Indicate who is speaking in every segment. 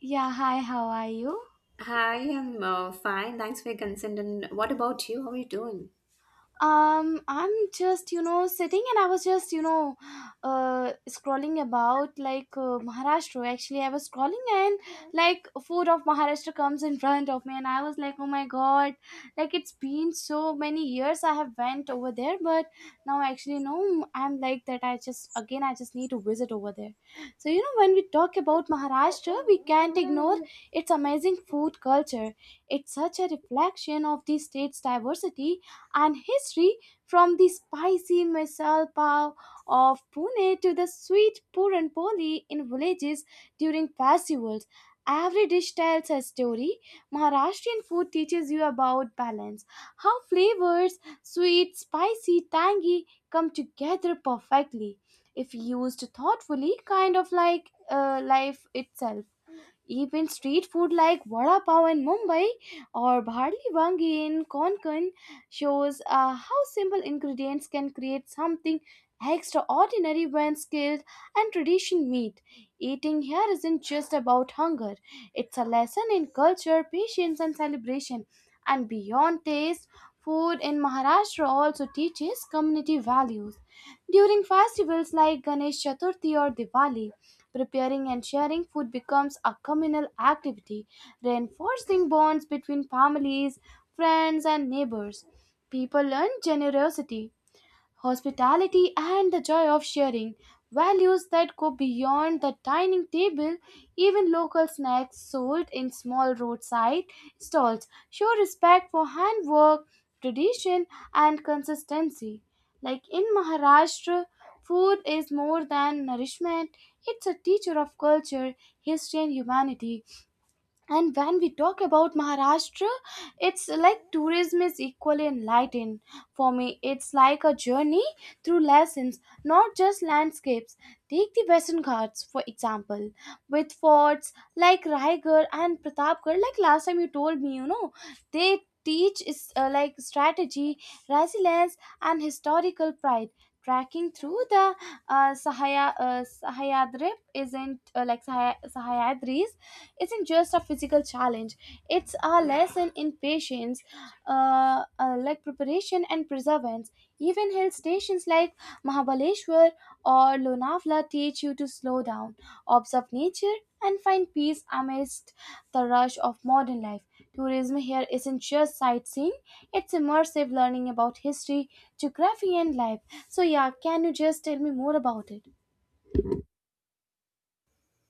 Speaker 1: Yeah, hi, how are you?
Speaker 2: Hi, I'm fine. Thanks for your consent. And what about you? How are you doing?
Speaker 1: I'm just sitting, and I was just scrolling about, like, Maharashtra. Actually, I was scrolling, and like, food of Maharashtra comes in front of me and I was like, oh my god, like it's been so many years I have went over there, but now, actually, no, I'm like that I just again, I just need to visit over there. So you know, when we talk about Maharashtra, we can't ignore its amazing food culture. It's such a reflection of the state's diversity and history. From the spicy misal pav of Pune to the sweet puran poli in villages during festivals. Every dish tells a story. Maharashtrian food teaches you about balance, how flavors, sweet, spicy, tangy, come together perfectly if used thoughtfully, kind of like life itself. Even street food like vada pav in Mumbai or bharli wangi in Konkan shows how simple ingredients can create something extraordinary when skill and tradition meet. Eating here isn't just about hunger; it's a lesson in culture, patience, and celebration. And beyond taste, food in Maharashtra also teaches community values. During festivals like Ganesh Chaturthi or Diwali, preparing and sharing food becomes a communal activity, reinforcing bonds between families, friends, and neighbors. People learn generosity, hospitality, and the joy of sharing, values that go beyond the dining table. Even local snacks sold in small roadside stalls show respect for handwork, tradition, and consistency. Like in Maharashtra, food is more than nourishment, it's a teacher of culture, history, and humanity. And when we talk about Maharashtra, it's like tourism is equally enlightening. For me, it's like a journey through lessons, not just landscapes. Take the Western Ghats, for example, with forts like Raigad and Pratapgarh. Like, last time you told me, you know, they teach is like strategy, resilience, and historical pride. Tracking through the Sahaya, Sahyadri isn't like Sahay- Sahyadris isn't just a physical challenge, it's a lesson in patience, like preparation and perseverance. Even hill stations like Mahabaleshwar or Lonavala teach you to slow down, observe nature, and find peace amidst the rush of modern life. Tourism here isn't just sightseeing, it's immersive learning about history, geography, and life. So yeah, can you just tell me more about it?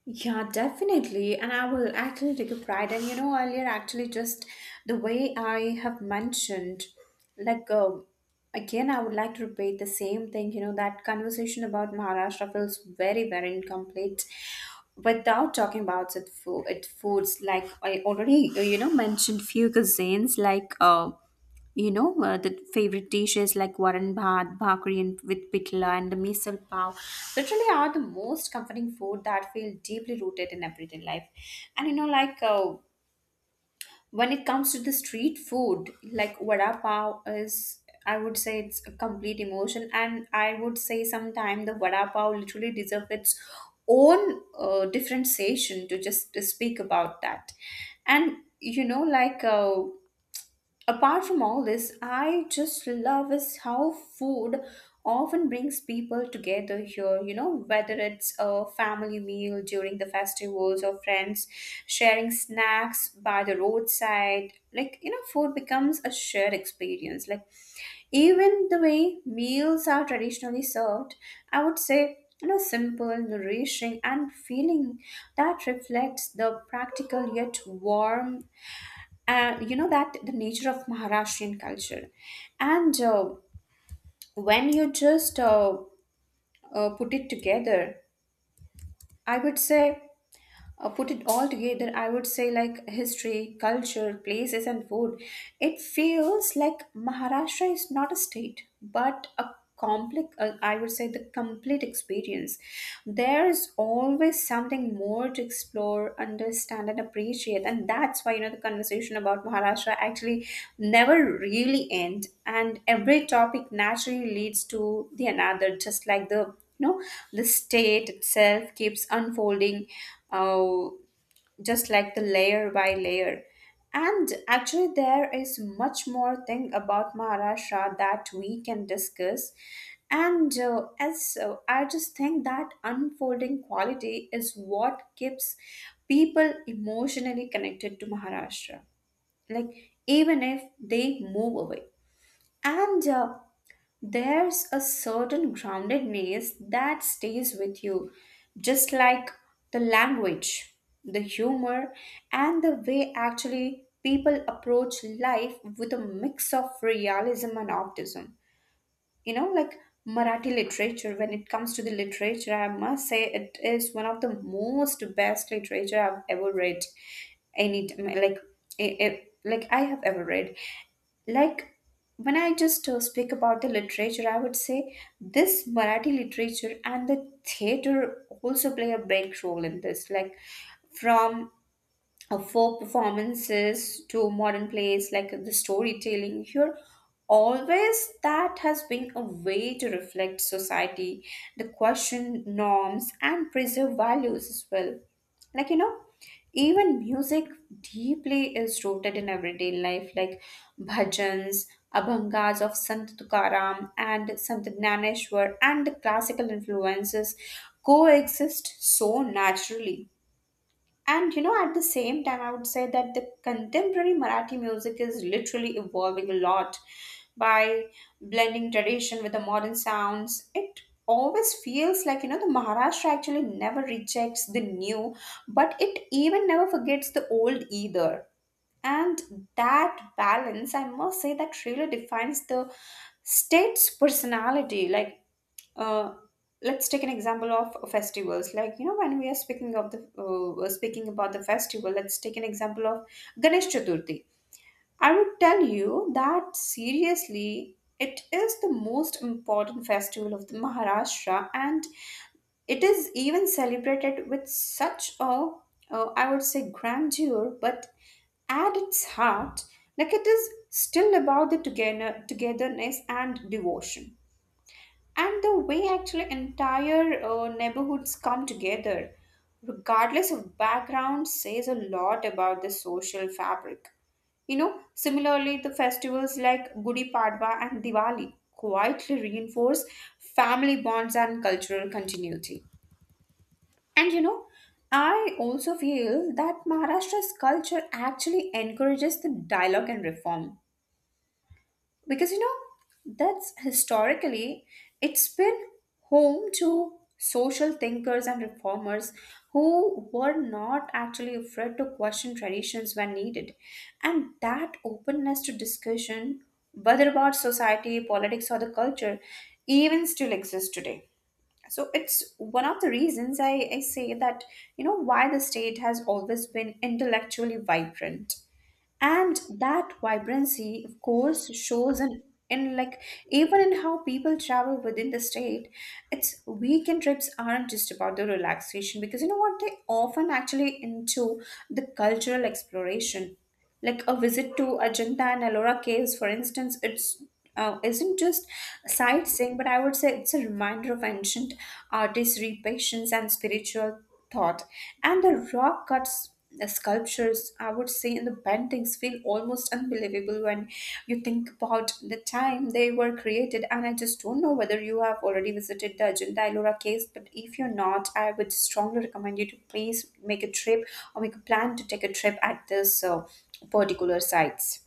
Speaker 2: Yeah, definitely. And I will actually take a pride. And you know, earlier, actually, just the way I have mentioned, like, um again, I would like to repeat the same thing. You know, that conversation about Maharashtra feels very, very incomplete without talking about it, food, it foods. Like, I already, you know, mentioned few cuisines, like, the favorite dishes like varan bhat, bhakri and with pitla and the misal pav literally are the most comforting food that feel deeply rooted in everyday life. And you know, when it comes to the street food, like vada pav is, I would say it's a complete emotion. And I would say sometime the vada pav literally deserves its own different session to just to speak about that. And you know, apart from all this, I just love is how food often brings people together here. You know, whether it's a family meal during the festivals or friends sharing snacks by the roadside, like you know, food becomes a shared experience. Like even the way meals are traditionally served, I would say. You know, simple, nourishing, and feeling that reflects the practical yet warm and you know that the nature of Maharashtrian culture. And when you just put it together, I would say put it all together, I would say like history, culture, places, and food. It feels like Maharashtra is not a state, but a complex, I would say the complete experience. There's always something more to explore, understand, and appreciate. And that's why, you know, the conversation about Maharashtra actually never really ends. And every topic naturally leads to the another, just like the no the state itself keeps unfolding uh, just like the layer by layer. And actually there is much more thing about Maharashtra that we can discuss, and as I just think that unfolding quality is what keeps people emotionally connected to Maharashtra, like even if they move away. And There's a certain groundedness that stays with you, just like the language, the humor, and the way actually people approach life with a mix of realism and optimism. You know, like Marathi literature, when it comes to the literature, I must say it is one of the most best literature I've ever read any time, like like I have ever read. Like when I just speak about the literature, I would say this Marathi literature and the theater also play a big role in this. Like from folk performances to modern plays, like the storytelling here always that has been a way to reflect society, the question norms, and preserve values as well. Like, you know, even music deeply is rooted in everyday life, like bhajans, abhangas of Sant Tukaram and Sant Gnaneshwar, and the classical influences coexist so naturally. And you know, at the same time, I would say that the contemporary Marathi music is literally evolving a lot by blending tradition with the modern sounds. It always feels like, you know, the Maharashtra actually never rejects the new, but it even never forgets the old either. And that balance, I must say, that really defines the state's personality. Uh, let's take an example of festivals. Like, you know, when we are speaking of the we're speaking about the festival, let's take an example of Ganesh Chaturthi. I would tell you that seriously it is the most important festival of the Maharashtra, and it is even celebrated with such a I would say grandeur, but at its heart, like it is still about the togetherness and devotion. And the way actually entire neighborhoods come together regardless of background says a lot about the social fabric, you know. Similarly, the festivals like Gudi Padwa and Diwali quietly reinforce family bonds and cultural continuity. And you know, I also feel that Maharashtra's culture actually encourages the dialogue and reform, because you know that's historically it's been home to social thinkers and reformers who were not actually afraid to question traditions when needed. And that openness to discussion, whether about society, politics, or the culture, even still exists today. So it's one of the reasons I say that, you know, why the state has always been intellectually vibrant. And that vibrancy of course shows in like even in how people travel within the state. It's weekend trips aren't just about the relaxation, because you know what, they often actually into the cultural exploration. Like a visit to Ajanta and Ellora caves, for instance, it's isn't just sightseeing, but I would say it's a reminder of ancient artistry, patience, and spiritual thought. And the rock cuts, the sculptures, I would say, and the paintings feel almost unbelievable when you think about the time they were created. And I just don't know whether you have already visited the Ajanta Ellora case, but if you're not, I would strongly recommend you to please make a trip or make a plan to take a trip at this particular sites.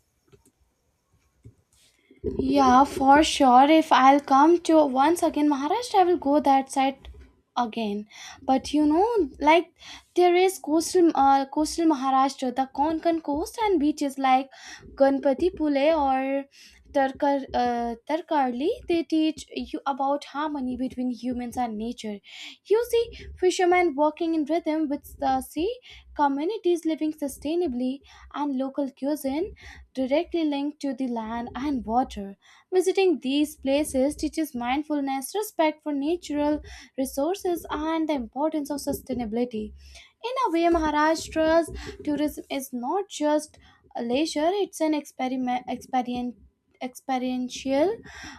Speaker 1: Yeah, for sure. If I'll come to once again Maharashtra, I will go that side again. But you know, like, there is coastal, coastal Maharashtra, the Konkan coast and beaches like Ganpati Pule or Tarkarli. They teach you about harmony between humans and nature. You see fishermen working in rhythm with the sea, communities living sustainably, and local cuisine directly linked to the land and water. Visiting these places teaches mindfulness, respect for natural resources, and the importance of sustainability. In a way, Maharashtra's tourism is not just a leisure, it's an experiment, experien experiential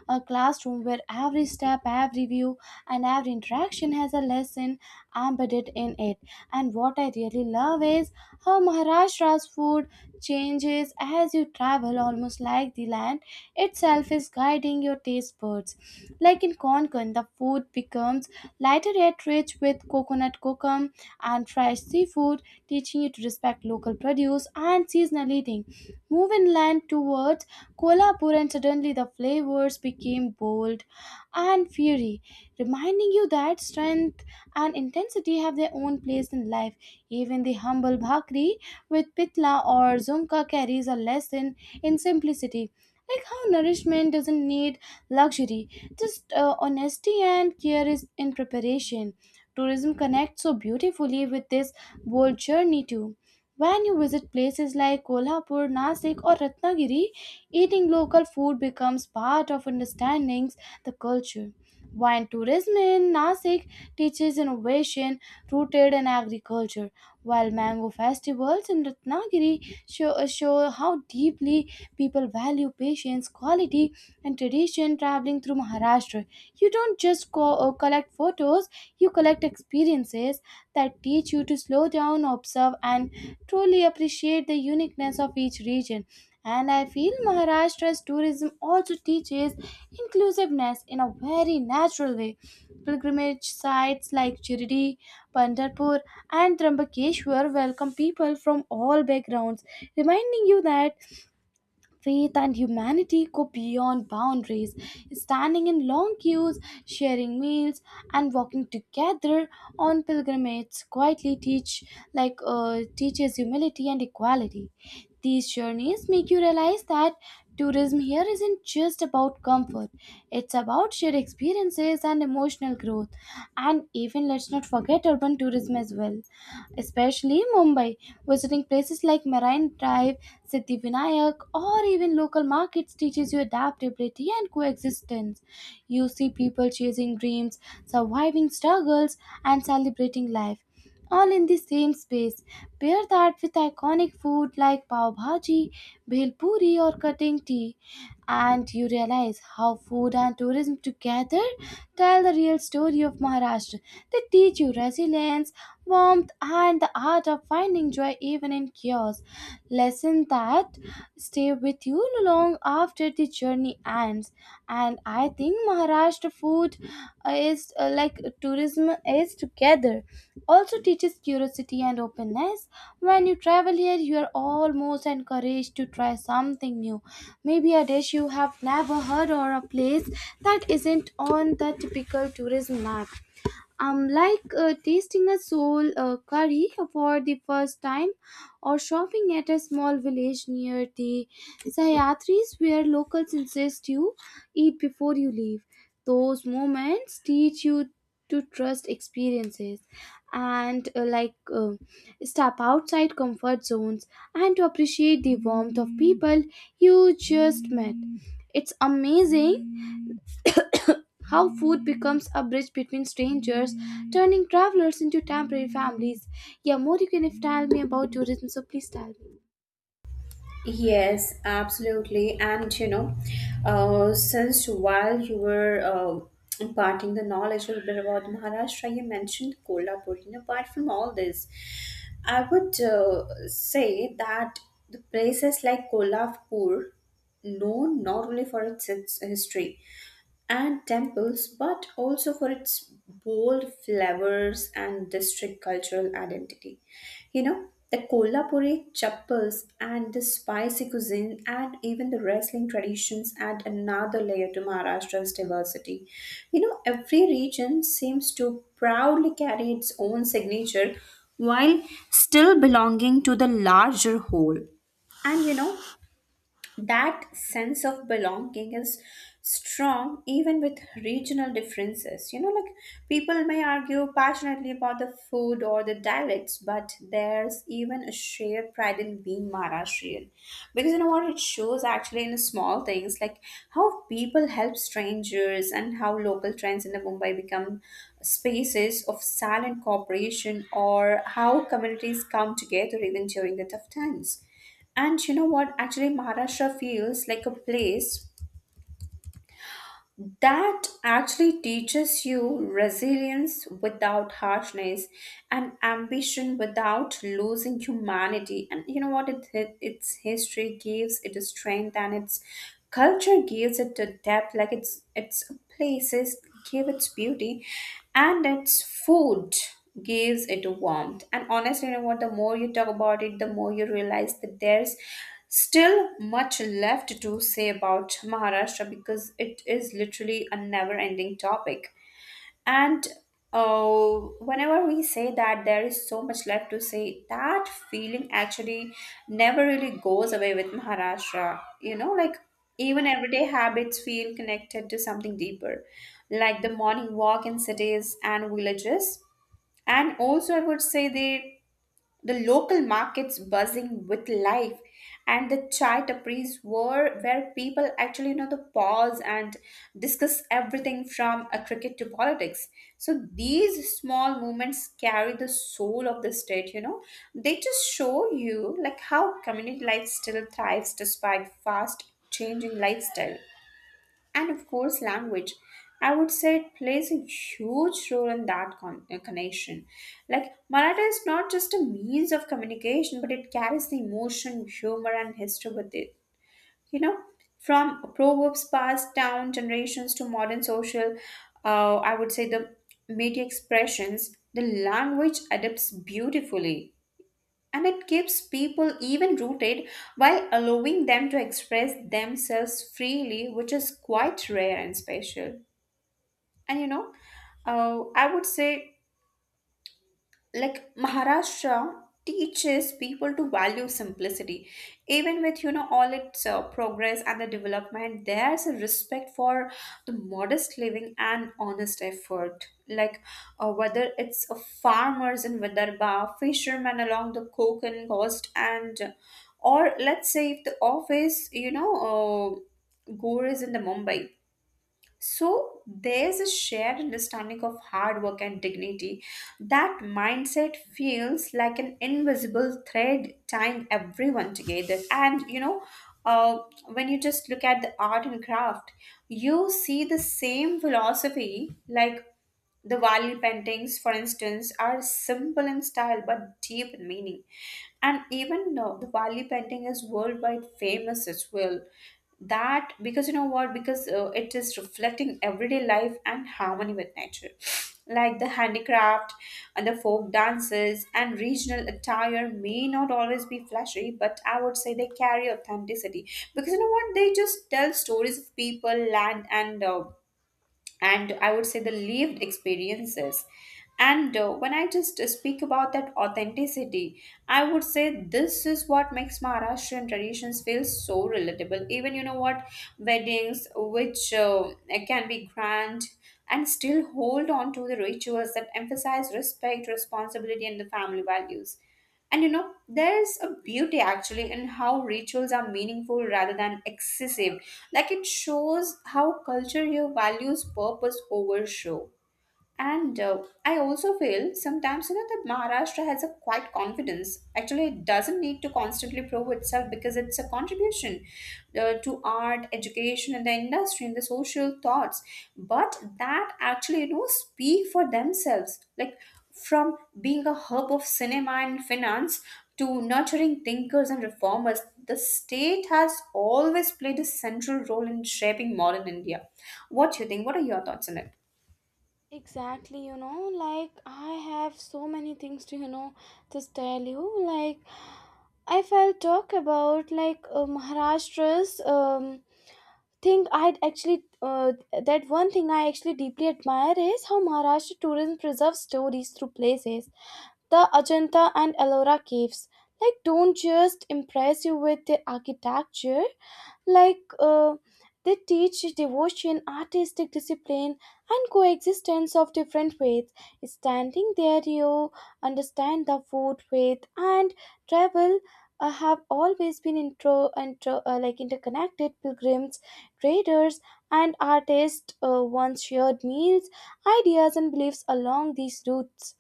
Speaker 1: classroom where every step, every view, and every interaction has a lesson embedded in it. And what I really love is how Maharashtra's food changes as you travel, almost like the land itself is guiding your taste buds. Like in Konkan, the food becomes lighter yet rich with coconut kokum and fresh seafood, teaching you to respect local produce and seasonal eating. Move inland towards Kolhapur, and suddenly the flavors became bold and fiery, reminding you that strength and intensity have their own place in life. Even the humble bhakri with pitla or zunka carries a lesson in simplicity. Like how nourishment doesn't need luxury, just honesty and care is in preparation. Tourism connects so beautifully with this bold journey too. When you visit places like Kolhapur, Nasik, or Ratnagiri, eating local food becomes part of understanding the culture. Wine tourism in Nasik teaches innovation rooted in agriculture, while mango festivals in Ratnagiri show how deeply people value patience, quality, and tradition traveling through Maharashtra. You don't just collect photos, you collect experiences that teach you to slow down, observe, and truly appreciate the uniqueness of each region. And I feel Maharashtra's tourism also teaches inclusiveness in a very natural way. Pilgrimage sites like Chirdi, Pandharpur, and Trambakeshwar welcome people from all backgrounds, reminding you that faith and humanity go beyond boundaries. Standing in long queues, sharing meals, and walking together on pilgrimages quietly teaches humility and equality. These journeys make you realize that tourism here isn't just about comfort; it's about shared experiences and emotional growth. And even, let's not forget urban tourism as well, especially Mumbai. Visiting places like Marine Drive, Siddhivinayak, or even local markets teaches you adaptability and coexistence. You see people chasing dreams, surviving struggles, and celebrating life, all in the same space. Pair that with iconic food like pav bhaji, bhel puri, or cutting tea, and you realize how food and tourism together tell the real story of Maharashtra. They teach you resilience, warmth, and the art of finding joy even in chaos. Lesson that stay with you long after the journey ends. And I think Maharashtra food is like tourism is together. Also teaches curiosity and openness. When you travel here, you are almost encouraged to try something new. Maybe a dish you have never heard or a place that isn't on the typical tourism map. Like tasting a soul curry for the first time or shopping at a small village near the Sayatris where locals insist you eat before you leave. Those moments teach you to trust experiences and step outside comfort zones and to appreciate the warmth of people you just met. It's amazing how food becomes a bridge between strangers, turning travelers into temporary families. Yeah, more you can if tell me about tourism, so please tell me.
Speaker 2: Yes, absolutely. And you know, since while you were imparting the knowledge a little bit about Maharashtra, you mentioned Kolhapur. And apart from all this, I would say that the places like Kolhapur, known not only for its history and temples, but also for its bold flavors and district cultural identity. You know, the Kolhapuri chappals and the spicy cuisine and even the wrestling traditions add another layer to Maharashtra's diversity. You know, every region seems to proudly carry its own signature while still belonging to the larger whole. And you know, that sense of belonging is strong even with regional differences. You know, like people may argue passionately about the food or the dialects, but there's even a shared pride in being Maharashtrian. Because you know what, it shows actually in small things like how people help strangers and how local trends in the Mumbai become spaces of silent cooperation, or how communities come together even during the tough times. And you know what? Actually, Maharashtra feels like a place that actually teaches you resilience without harshness and ambition without losing humanity. And you know what? Its history gives it a strength and its culture gives it a depth. Like its places give its beauty and its food gives it warmth. And honestly, you know what? The more you talk about it, the more you realize that there's still much left to say about Maharashtra because it is literally a never ending topic. And uh, Whenever we say that there is so much left to say, that feeling actually never really goes away with Maharashtra. You know, like even
Speaker 1: Yeah,
Speaker 2: everyday habits feel connected to something deeper, like the morning walk in cities and villages, and also I would say the local markets buzzing with life, and the chai tapris were where people actually, you know, the pause and discuss everything from a cricket to politics. So these small movements carry the soul of the state, you know. They just show you like how community life still thrives despite fast changing lifestyle. And of course language, I would say, it plays a huge role in that connection. Like Marathi is not just a means of communication, but it carries the emotion, humor, and history with it. You know, from proverbs passed down generations to modern social I would say the media expressions, the language adapts beautifully, and it keeps people even rooted while allowing them to express themselves freely, which is quite rare and special. And you know, I would say like Maharashtra teaches people to value simplicity. Even with you know all its progress and the development, there's a respect for the modest living and honest effort. Like whether it's farmers in Vidarbha, fishermen along the Konkan coast, and or let's say if the office, you know, gore is in the Mumbai, so there's a shared understanding of hard work and dignity. That mindset feels like an invisible thread tying everyone together. And you know, uh, when you just look at the art and craft, you see the same philosophy like the Wali paintings, for instance, are simple in style but deep in meaning. And even now, the Wali painting is worldwide famous as well. That because you know what? Because it is reflecting everyday life and harmony with nature. Like the handicraft and the folk dances and regional attire may not always be flashy, but I would say they carry authenticity, because you know what? They just tell stories of people, land, and I would say the lived experiences. And When I just speak about that authenticity, I would say this is what makes Maharashtrian traditions feel so relatable. Even you know what, weddings which can be grand and still hold on to the rituals that emphasize respect, responsibility, and the family values. And you know, there's a beauty actually in how rituals are meaningful rather than excessive. Like it shows how culture here values purpose over show. And I also feel sometimes, you know, that Maharashtra has a quite confidence. Actually, it doesn't need to constantly prove itself because it's a contribution to art, education, and the industry and the social thoughts. But that actually, you know, speak for themselves. Like from being a hub of cinema and finance to nurturing thinkers and reformers, the state has always played a central role in shaping modern India. What do you think? What are your thoughts on it?
Speaker 1: exactly. You know, like, I have so many things to, you know, just tell you. Like, if I'll talk about like Maharashtra's thing, I'd actually, that one thing I actually deeply admire is how Maharashtra tourism preserves stories through places. The Ajanta and Ellora caves like don't just impress you with their architecture, like they teach devotion, artistic discipline, and coexistence of different faiths. Standing there, you understand the food, faith, and travel have always been intro, intro like interconnected. Pilgrims, traders, and artists once shared meals, ideas, and beliefs along these routes.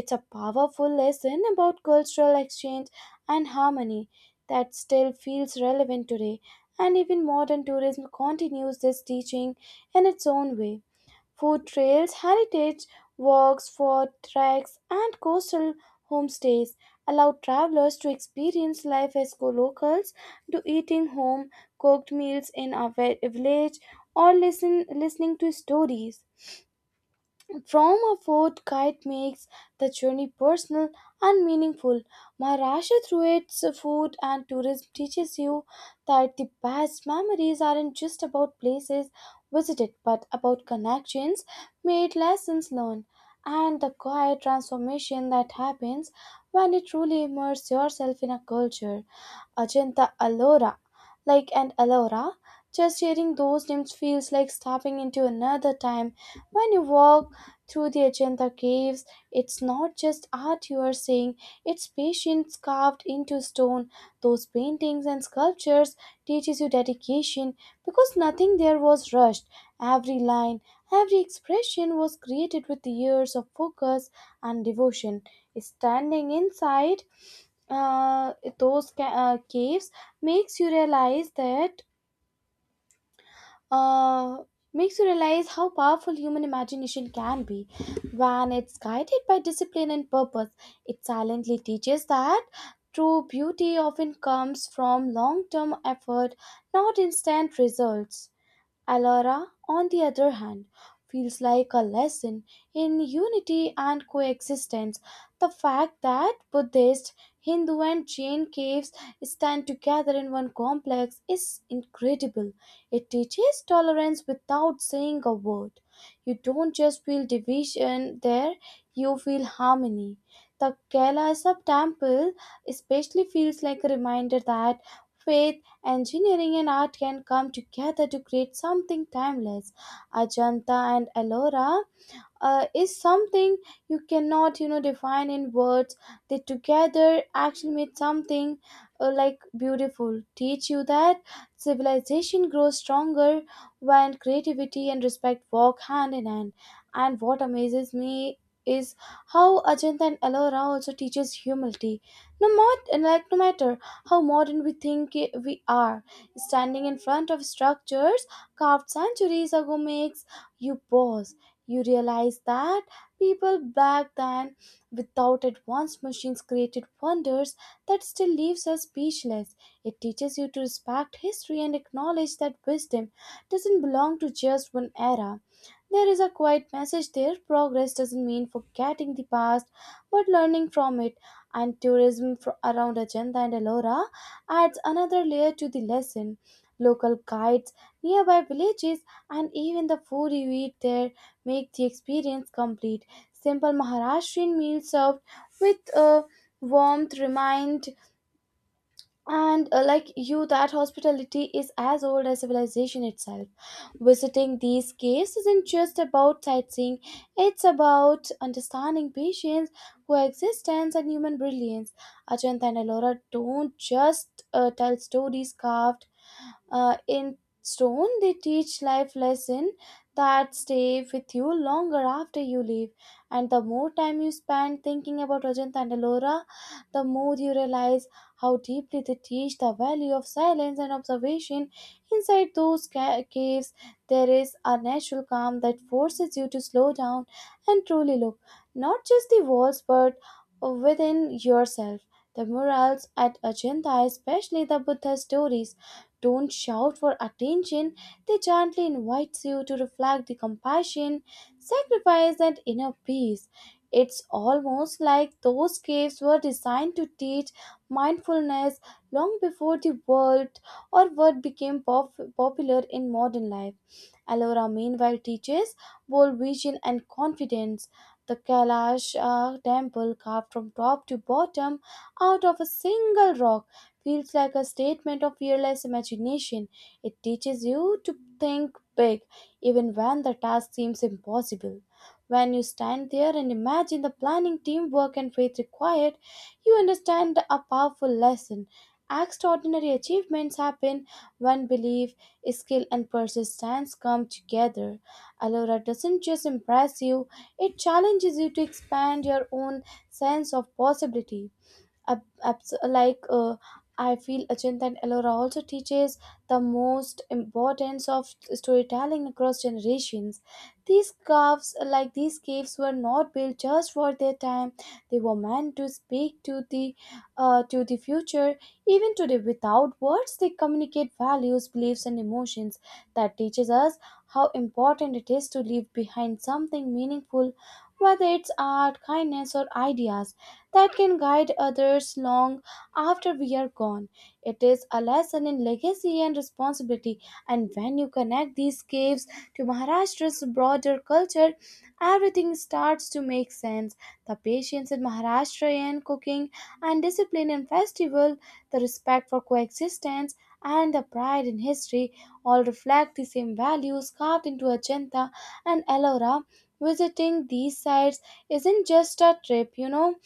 Speaker 1: It's a powerful lesson about cultural exchange and harmony that still feels relevant today. And even modern tourism continues this teaching in its own way. Food trails, heritage walks for treks, and coastal homestays allow travelers to experience life as locals, to eating home cooked meals in a village, or listening to stories. From a fort, kite makes the journey personal and meaningful. Maharashtra, through its food and tourism, teaches you that the best memories aren't just about places visited, but about connections made, lessons learned, and the quiet transformation that happens when you truly immerse yourself in a culture. Ajanta Ellora, like an Ellora. Just hearing those names feels like stepping into another time. When you walk through the Ajanta caves, it's not just art you are seeing, it's patience carved into stone. Those paintings and sculptures teaches you dedication because nothing there was rushed. Every line, every expression was created with years of focus and devotion. Standing inside, uh, those ca- caves makes you realize that uh, Makes you realize how powerful human imagination can be when it's guided by discipline and purpose. It silently teaches that true beauty often comes from long-term effort, not instant results. Alara, on the other hand, feels like a lesson in unity and coexistence. The fact that Buddhist, Hindu, and Jain caves stand together in one complex is incredible. It teaches tolerance without saying a word. You don't just feel division there, you feel harmony. The Kailasa temple especially feels like a reminder that faith, engineering, and art can come together to create something timeless. Ajanta and Ellora is something you cannot, you know, define in words. They together actually made something, like beautiful, teach you that civilization grows stronger when creativity and respect walk hand in hand. And what amazes me is how Ajanta and Ellora also teaches humility. No matter how modern we think we are, standing in front of structures carved centuries ago makes you pause. You realize that people back then, without advanced machines, created wonders that still leaves us speechless. It teaches you to respect history and acknowledge that wisdom doesn't belong to just one era. There is a quiet message there. Progress doesn't mean forgetting the past, but learning from it. And tourism around Ajanta and Ellora adds another layer to the lesson. Local kites, nearby villages, and even the food you eat there make the experience complete. Simple Maharashtrian meals served with a warmth remind and like you that hospitality is as old as civilization itself. Visiting these caves isn't just about sightseeing, it's about understanding patience, coexistence, and human brilliance. Ajanta and Ellora don't just tell stories carved in stone, they teach life lesson that stay with you longer after you leave. And the more time you spend thinking about Rajanta and Ellora, the more you realize how deeply they teach the value of silence and observation. Inside those caves, there is a natural calm that forces you to slow down and truly look, not just the walls, but within yourself. The murals at Ajanta, especially the Buddha stories, don't shout for attention, they gently invite you to reflect the compassion, sacrifice, and inner peace. It's almost like those caves were designed to teach mindfulness long before the world or what became popular in modern life. Ellora, meanwhile, teaches bold vision and confidence. The Kailash temple, carved from top to bottom out of a single rock, feels like a statement of fearless imagination. It teaches you to think big, even when the task seems impossible. When you stand there and imagine the planning, teamwork, and faith required, you understand a powerful lesson. Extraordinary achievements happen when belief, skill, and persistence come together. Alora doesn't just impress you, it challenges you to expand your own sense of possibility ab- abs- like uh, I feel Achint and ellora also teaches the most importance of storytelling across generations these caves like these caves were not built just for their time they were meant to speak to the to the future even today without words they communicate values beliefs and emotions that teaches us how important it is to leave behind something meaningful whether it's art kindness or ideas that can guide others long after we are gone. It is a lesson in legacy and responsibility, and when you connect these caves to Maharashtra's broader culture, everything starts to make sense. The patience in Maharashtrian cooking and discipline in festival, the respect for coexistence, and the pride in history all reflect the same values carved into Ajanta and Ellora. Visiting these sites isn't just a trip, you know,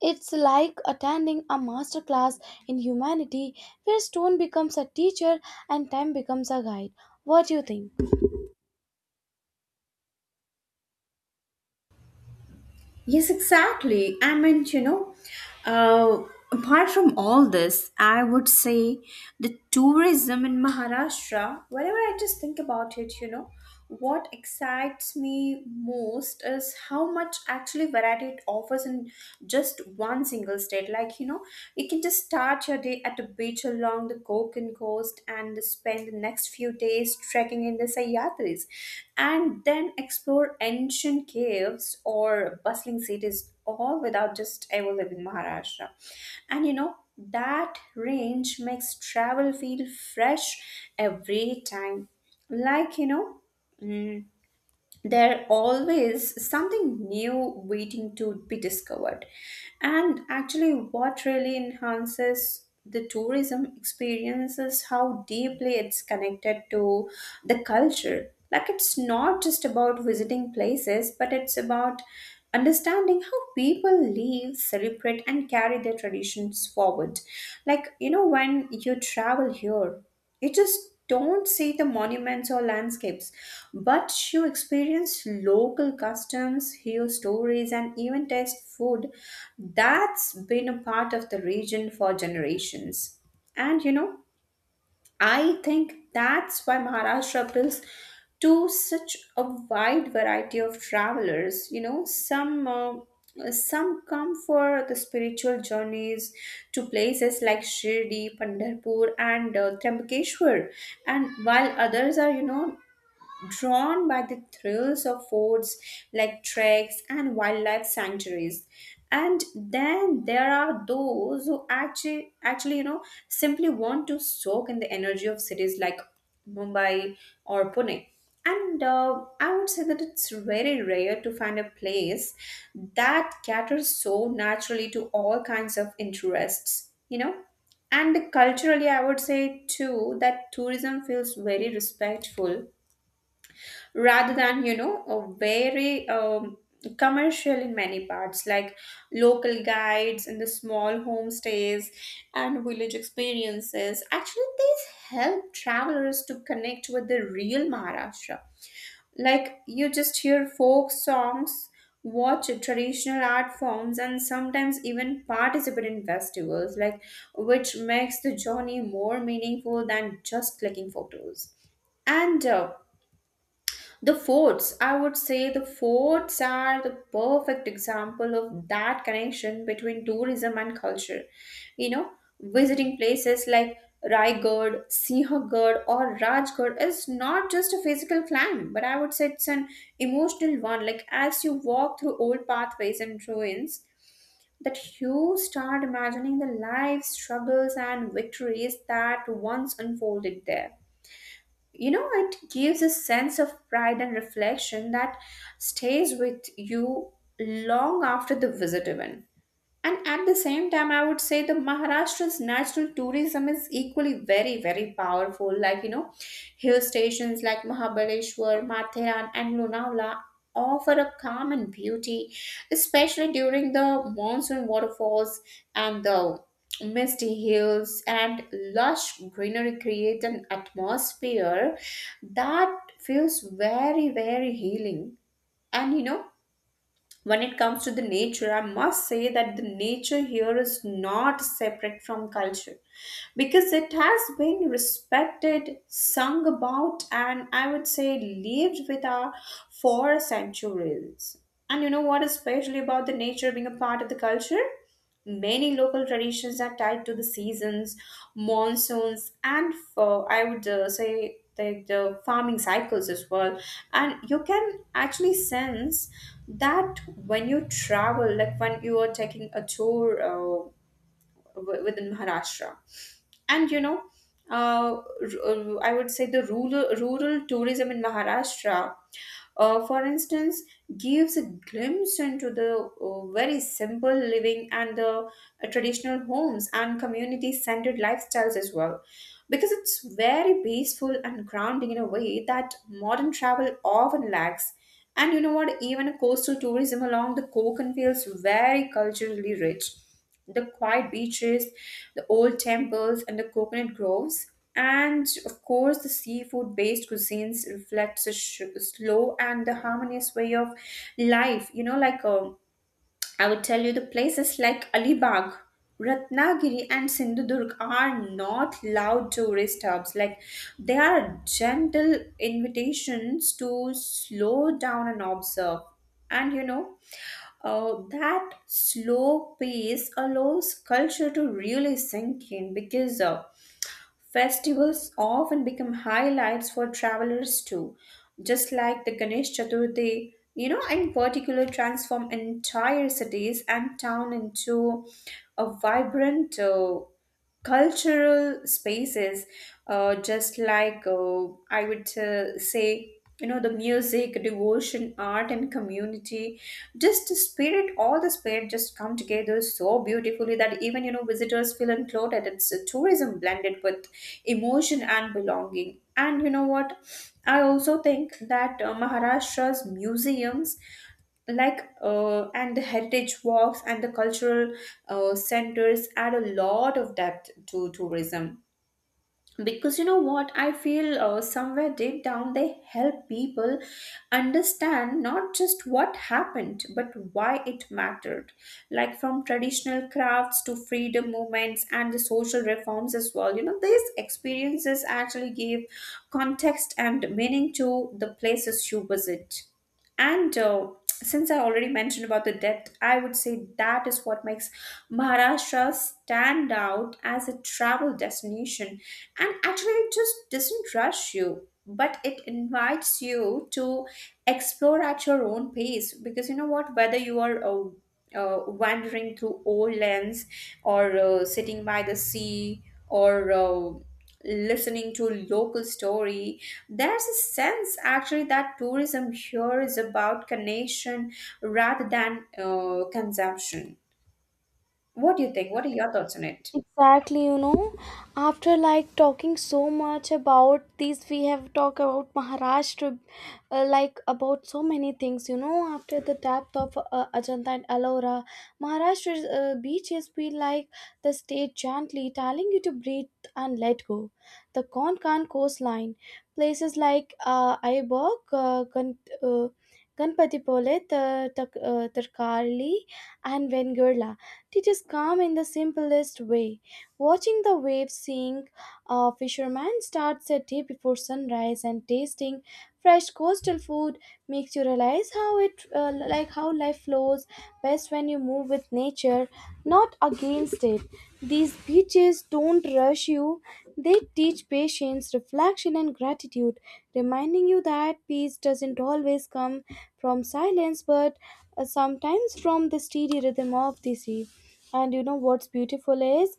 Speaker 1: it's like attending a master class in humanity where stone becomes a teacher and time becomes a guide. What do you think?
Speaker 2: Yes, exactly. I meant, you know, uh, apart from all this, I would say the tourism in Maharashtra, whenever I just think about it, you know, what excites me most is how much actually variety it offers in just one single state. Like, you know, you can just start your day at a beach along the Konkan coast and spend the next few days trekking in the Sayadris and then explore ancient caves or bustling cities all without just ever leaving Maharashtra. And you know, that range makes travel feel fresh every time. Like, you know, mm, there always something new waiting to be discovered. And actually what really enhances the tourism experience is how deeply it's connected to the culture. Like it's not just about visiting places, but it's about understanding how people live, celebrate, and carry their traditions forward. Like you know, when you travel here, you just don't see the monuments or landscapes, but you experience local customs, hear stories, and even taste food that's been a part of the region for generations. And you know, I think that's why Maharashtra appeals to such a wide variety of travelers. You know, some come for the spiritual journeys to places like Shirdi, Pandarpur, and Trimbakeshwar, and while others are, you know, drawn by the thrills of forts like treks and wildlife sanctuaries. And then there are those who actually you know simply want to soak in the energy of cities like Mumbai or Pune. And I would say that it's very rare to find a place that caters so naturally to all kinds of interests, you know. And culturally, I would say too that tourism feels very respectful rather than, you know, a very commercial in many parts. Like local guides and the small homestays and village experiences, actually these help travelers to connect with the real Maharashtra. Like you just hear folk songs, watch traditional art forms, and sometimes even participate in festivals like, which makes the journey more meaningful than just clicking photos. And The forts, I would say the forts are the perfect example of that connection between tourism and culture. You know, visiting places like Raigad, Sinhagad, or Rajgarh is not just a physical climb, but I would say it's an emotional one. Like, as you walk through old pathways and ruins, that you start imagining the lives, struggles, and victories that once unfolded there. You know, it gives a sense of pride and reflection that stays with you long after the visit even. And at the same time, I would say the Maharashtra's natural tourism is equally very, very powerful. Like, you know, hill stations like Mahabaleshwar, Matheran, and Lonavala offer a calm and beauty, especially during the monsoon waterfalls and the misty hills and lush greenery create an atmosphere that feels very, very healing. And, you know, when it comes to the nature, I must say that the nature here is not separate from culture because it has been respected, sung about, and I would say lived with our for centuries. And you know what, especially about the nature being a part of the culture, many local traditions are tied to the seasons, monsoons, and for I would say the farming cycles as well. And you can actually sense that when you travel, like when you are taking a tour within Maharashtra, and you know, uh, r- I would say the rural tourism in Maharashtra, for instance, gives a glimpse into the very simple living and the traditional homes and community centered lifestyles as well. Because it's very peaceful and grounding in a way that modern travel often lacks. And you know what? Even coastal tourism along the Konkan feels very culturally rich. The quiet beaches, the old temples, and the coconut groves. And of course, the seafood based cuisines reflects a slow and the harmonious way of life, you know, like a, I would tell you the places like Alibag, Ratnagiri, and Sindhudurg are not loud tourist hubs. Like they are gentle invitations to slow down and observe. And you know, that slow pace allows culture to really sink in because festivals often become highlights for travelers too, just like the Ganesh Chaturthi, you know, in particular, transform entire cities and town into a vibrant cultural spaces. Just like I would say, you know, the music, devotion, art, and community, just the spirit all the spirit just come together so beautifully that even you know visitors feel enclosed. It's a tourism blended with emotion and belonging. And you know what, I also think that Maharashtra's museums and the heritage walks and the cultural centers add a lot of depth to tourism because you know what, I feel somewhere deep down they help people understand not just what happened but why it mattered. Like from traditional crafts to freedom movements and the social reforms as well, you know these experiences actually give context and meaning to the places you visit. And Since I already mentioned about the depth, I would say that is what makes Maharashtra stand out as a travel destination. And actually, it just doesn't rush you, but it invites you to explore at your own pace. Because you know what, whether you are wandering through old lands or sitting by the sea or listening to local story, there's a sense actually that tourism here is about connection rather than consumption. What do you think? What are your thoughts on it?
Speaker 1: Exactly, you know, after like talking so much about these, we have talked about Maharashtra, like about so many things, you know, after the depth of Ajanta and Ellora, Maharashtra's beaches feel like the state gently telling you to breathe and let go. The Konkan coastline, places like Aiborg, uh, Ganpatipole, Tarkarli, and Vengurla teaches calm in the simplest way. Watching the waves seeing a fisherman starts a day before sunrise and tasting fresh coastal food makes you realize how it like how life flows best when you move with nature, not against it. These beaches don't rush you. They teach patience, reflection and gratitude, reminding you that peace doesn't always come from silence but sometimes from the steady rhythm of the sea. And you know what's beautiful is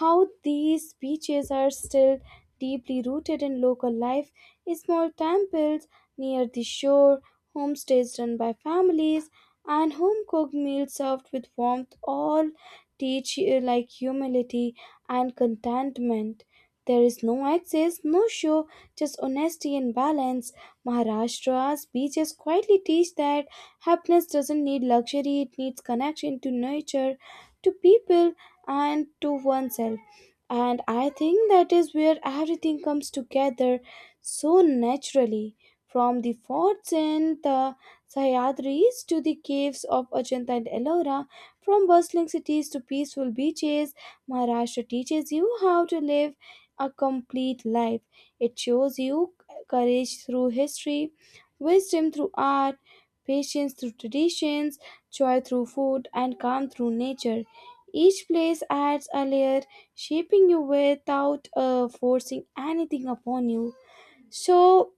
Speaker 1: how these beaches are still deeply rooted in local life. Small temples near the shore, homestays run by families, and home cooked meals served with warmth all teach you like humility and contentment. There is no excess, no show, just honesty and balance. Maharashtra's beaches quietly teach that happiness doesn't need luxury, it needs connection to nature to people and to oneself. And I think that is where everything comes together so naturally. From the forts in the Sahyadris to the caves of Ajanta and Ellora, from bustling cities to peaceful beaches, Maharashtra teaches you how to live a complete life. It shows you courage through history, wisdom through art, patience through traditions, joy through food, and calm through nature. Each place adds a layer, shaping you without forcing anything upon you. So,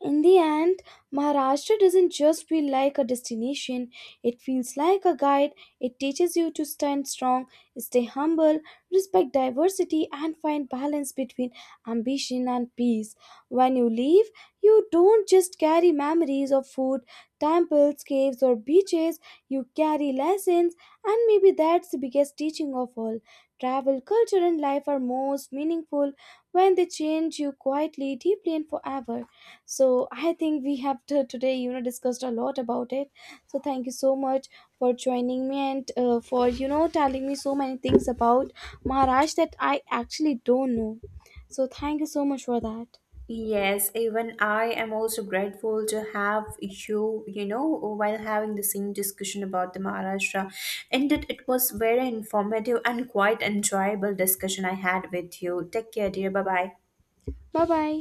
Speaker 1: in the end, Maharashtra doesn't just feel like a destination, it feels like a guide. It teaches you to stand strong, stay humble, respect diversity, and find balance between ambition and peace. When you leave, you don't just carry memories of food, temples, caves, or beaches, you carry lessons, and maybe that's the biggest teaching of all. Travel, culture, and life are most meaningful when they change you quietly, deeply, and forever so I think we have to, today you know discussed a lot about it so thank you so much for joining me and for you know telling me so many things about maharashtra that I actually don't know so thank you so much for that
Speaker 2: Yes, even I am also grateful to have you, you know, while having the same discussion about the Maharashtra. Indeed, it was very informative and quite enjoyable discussion I had with you. Take care, dear. Bye bye.
Speaker 1: bye bye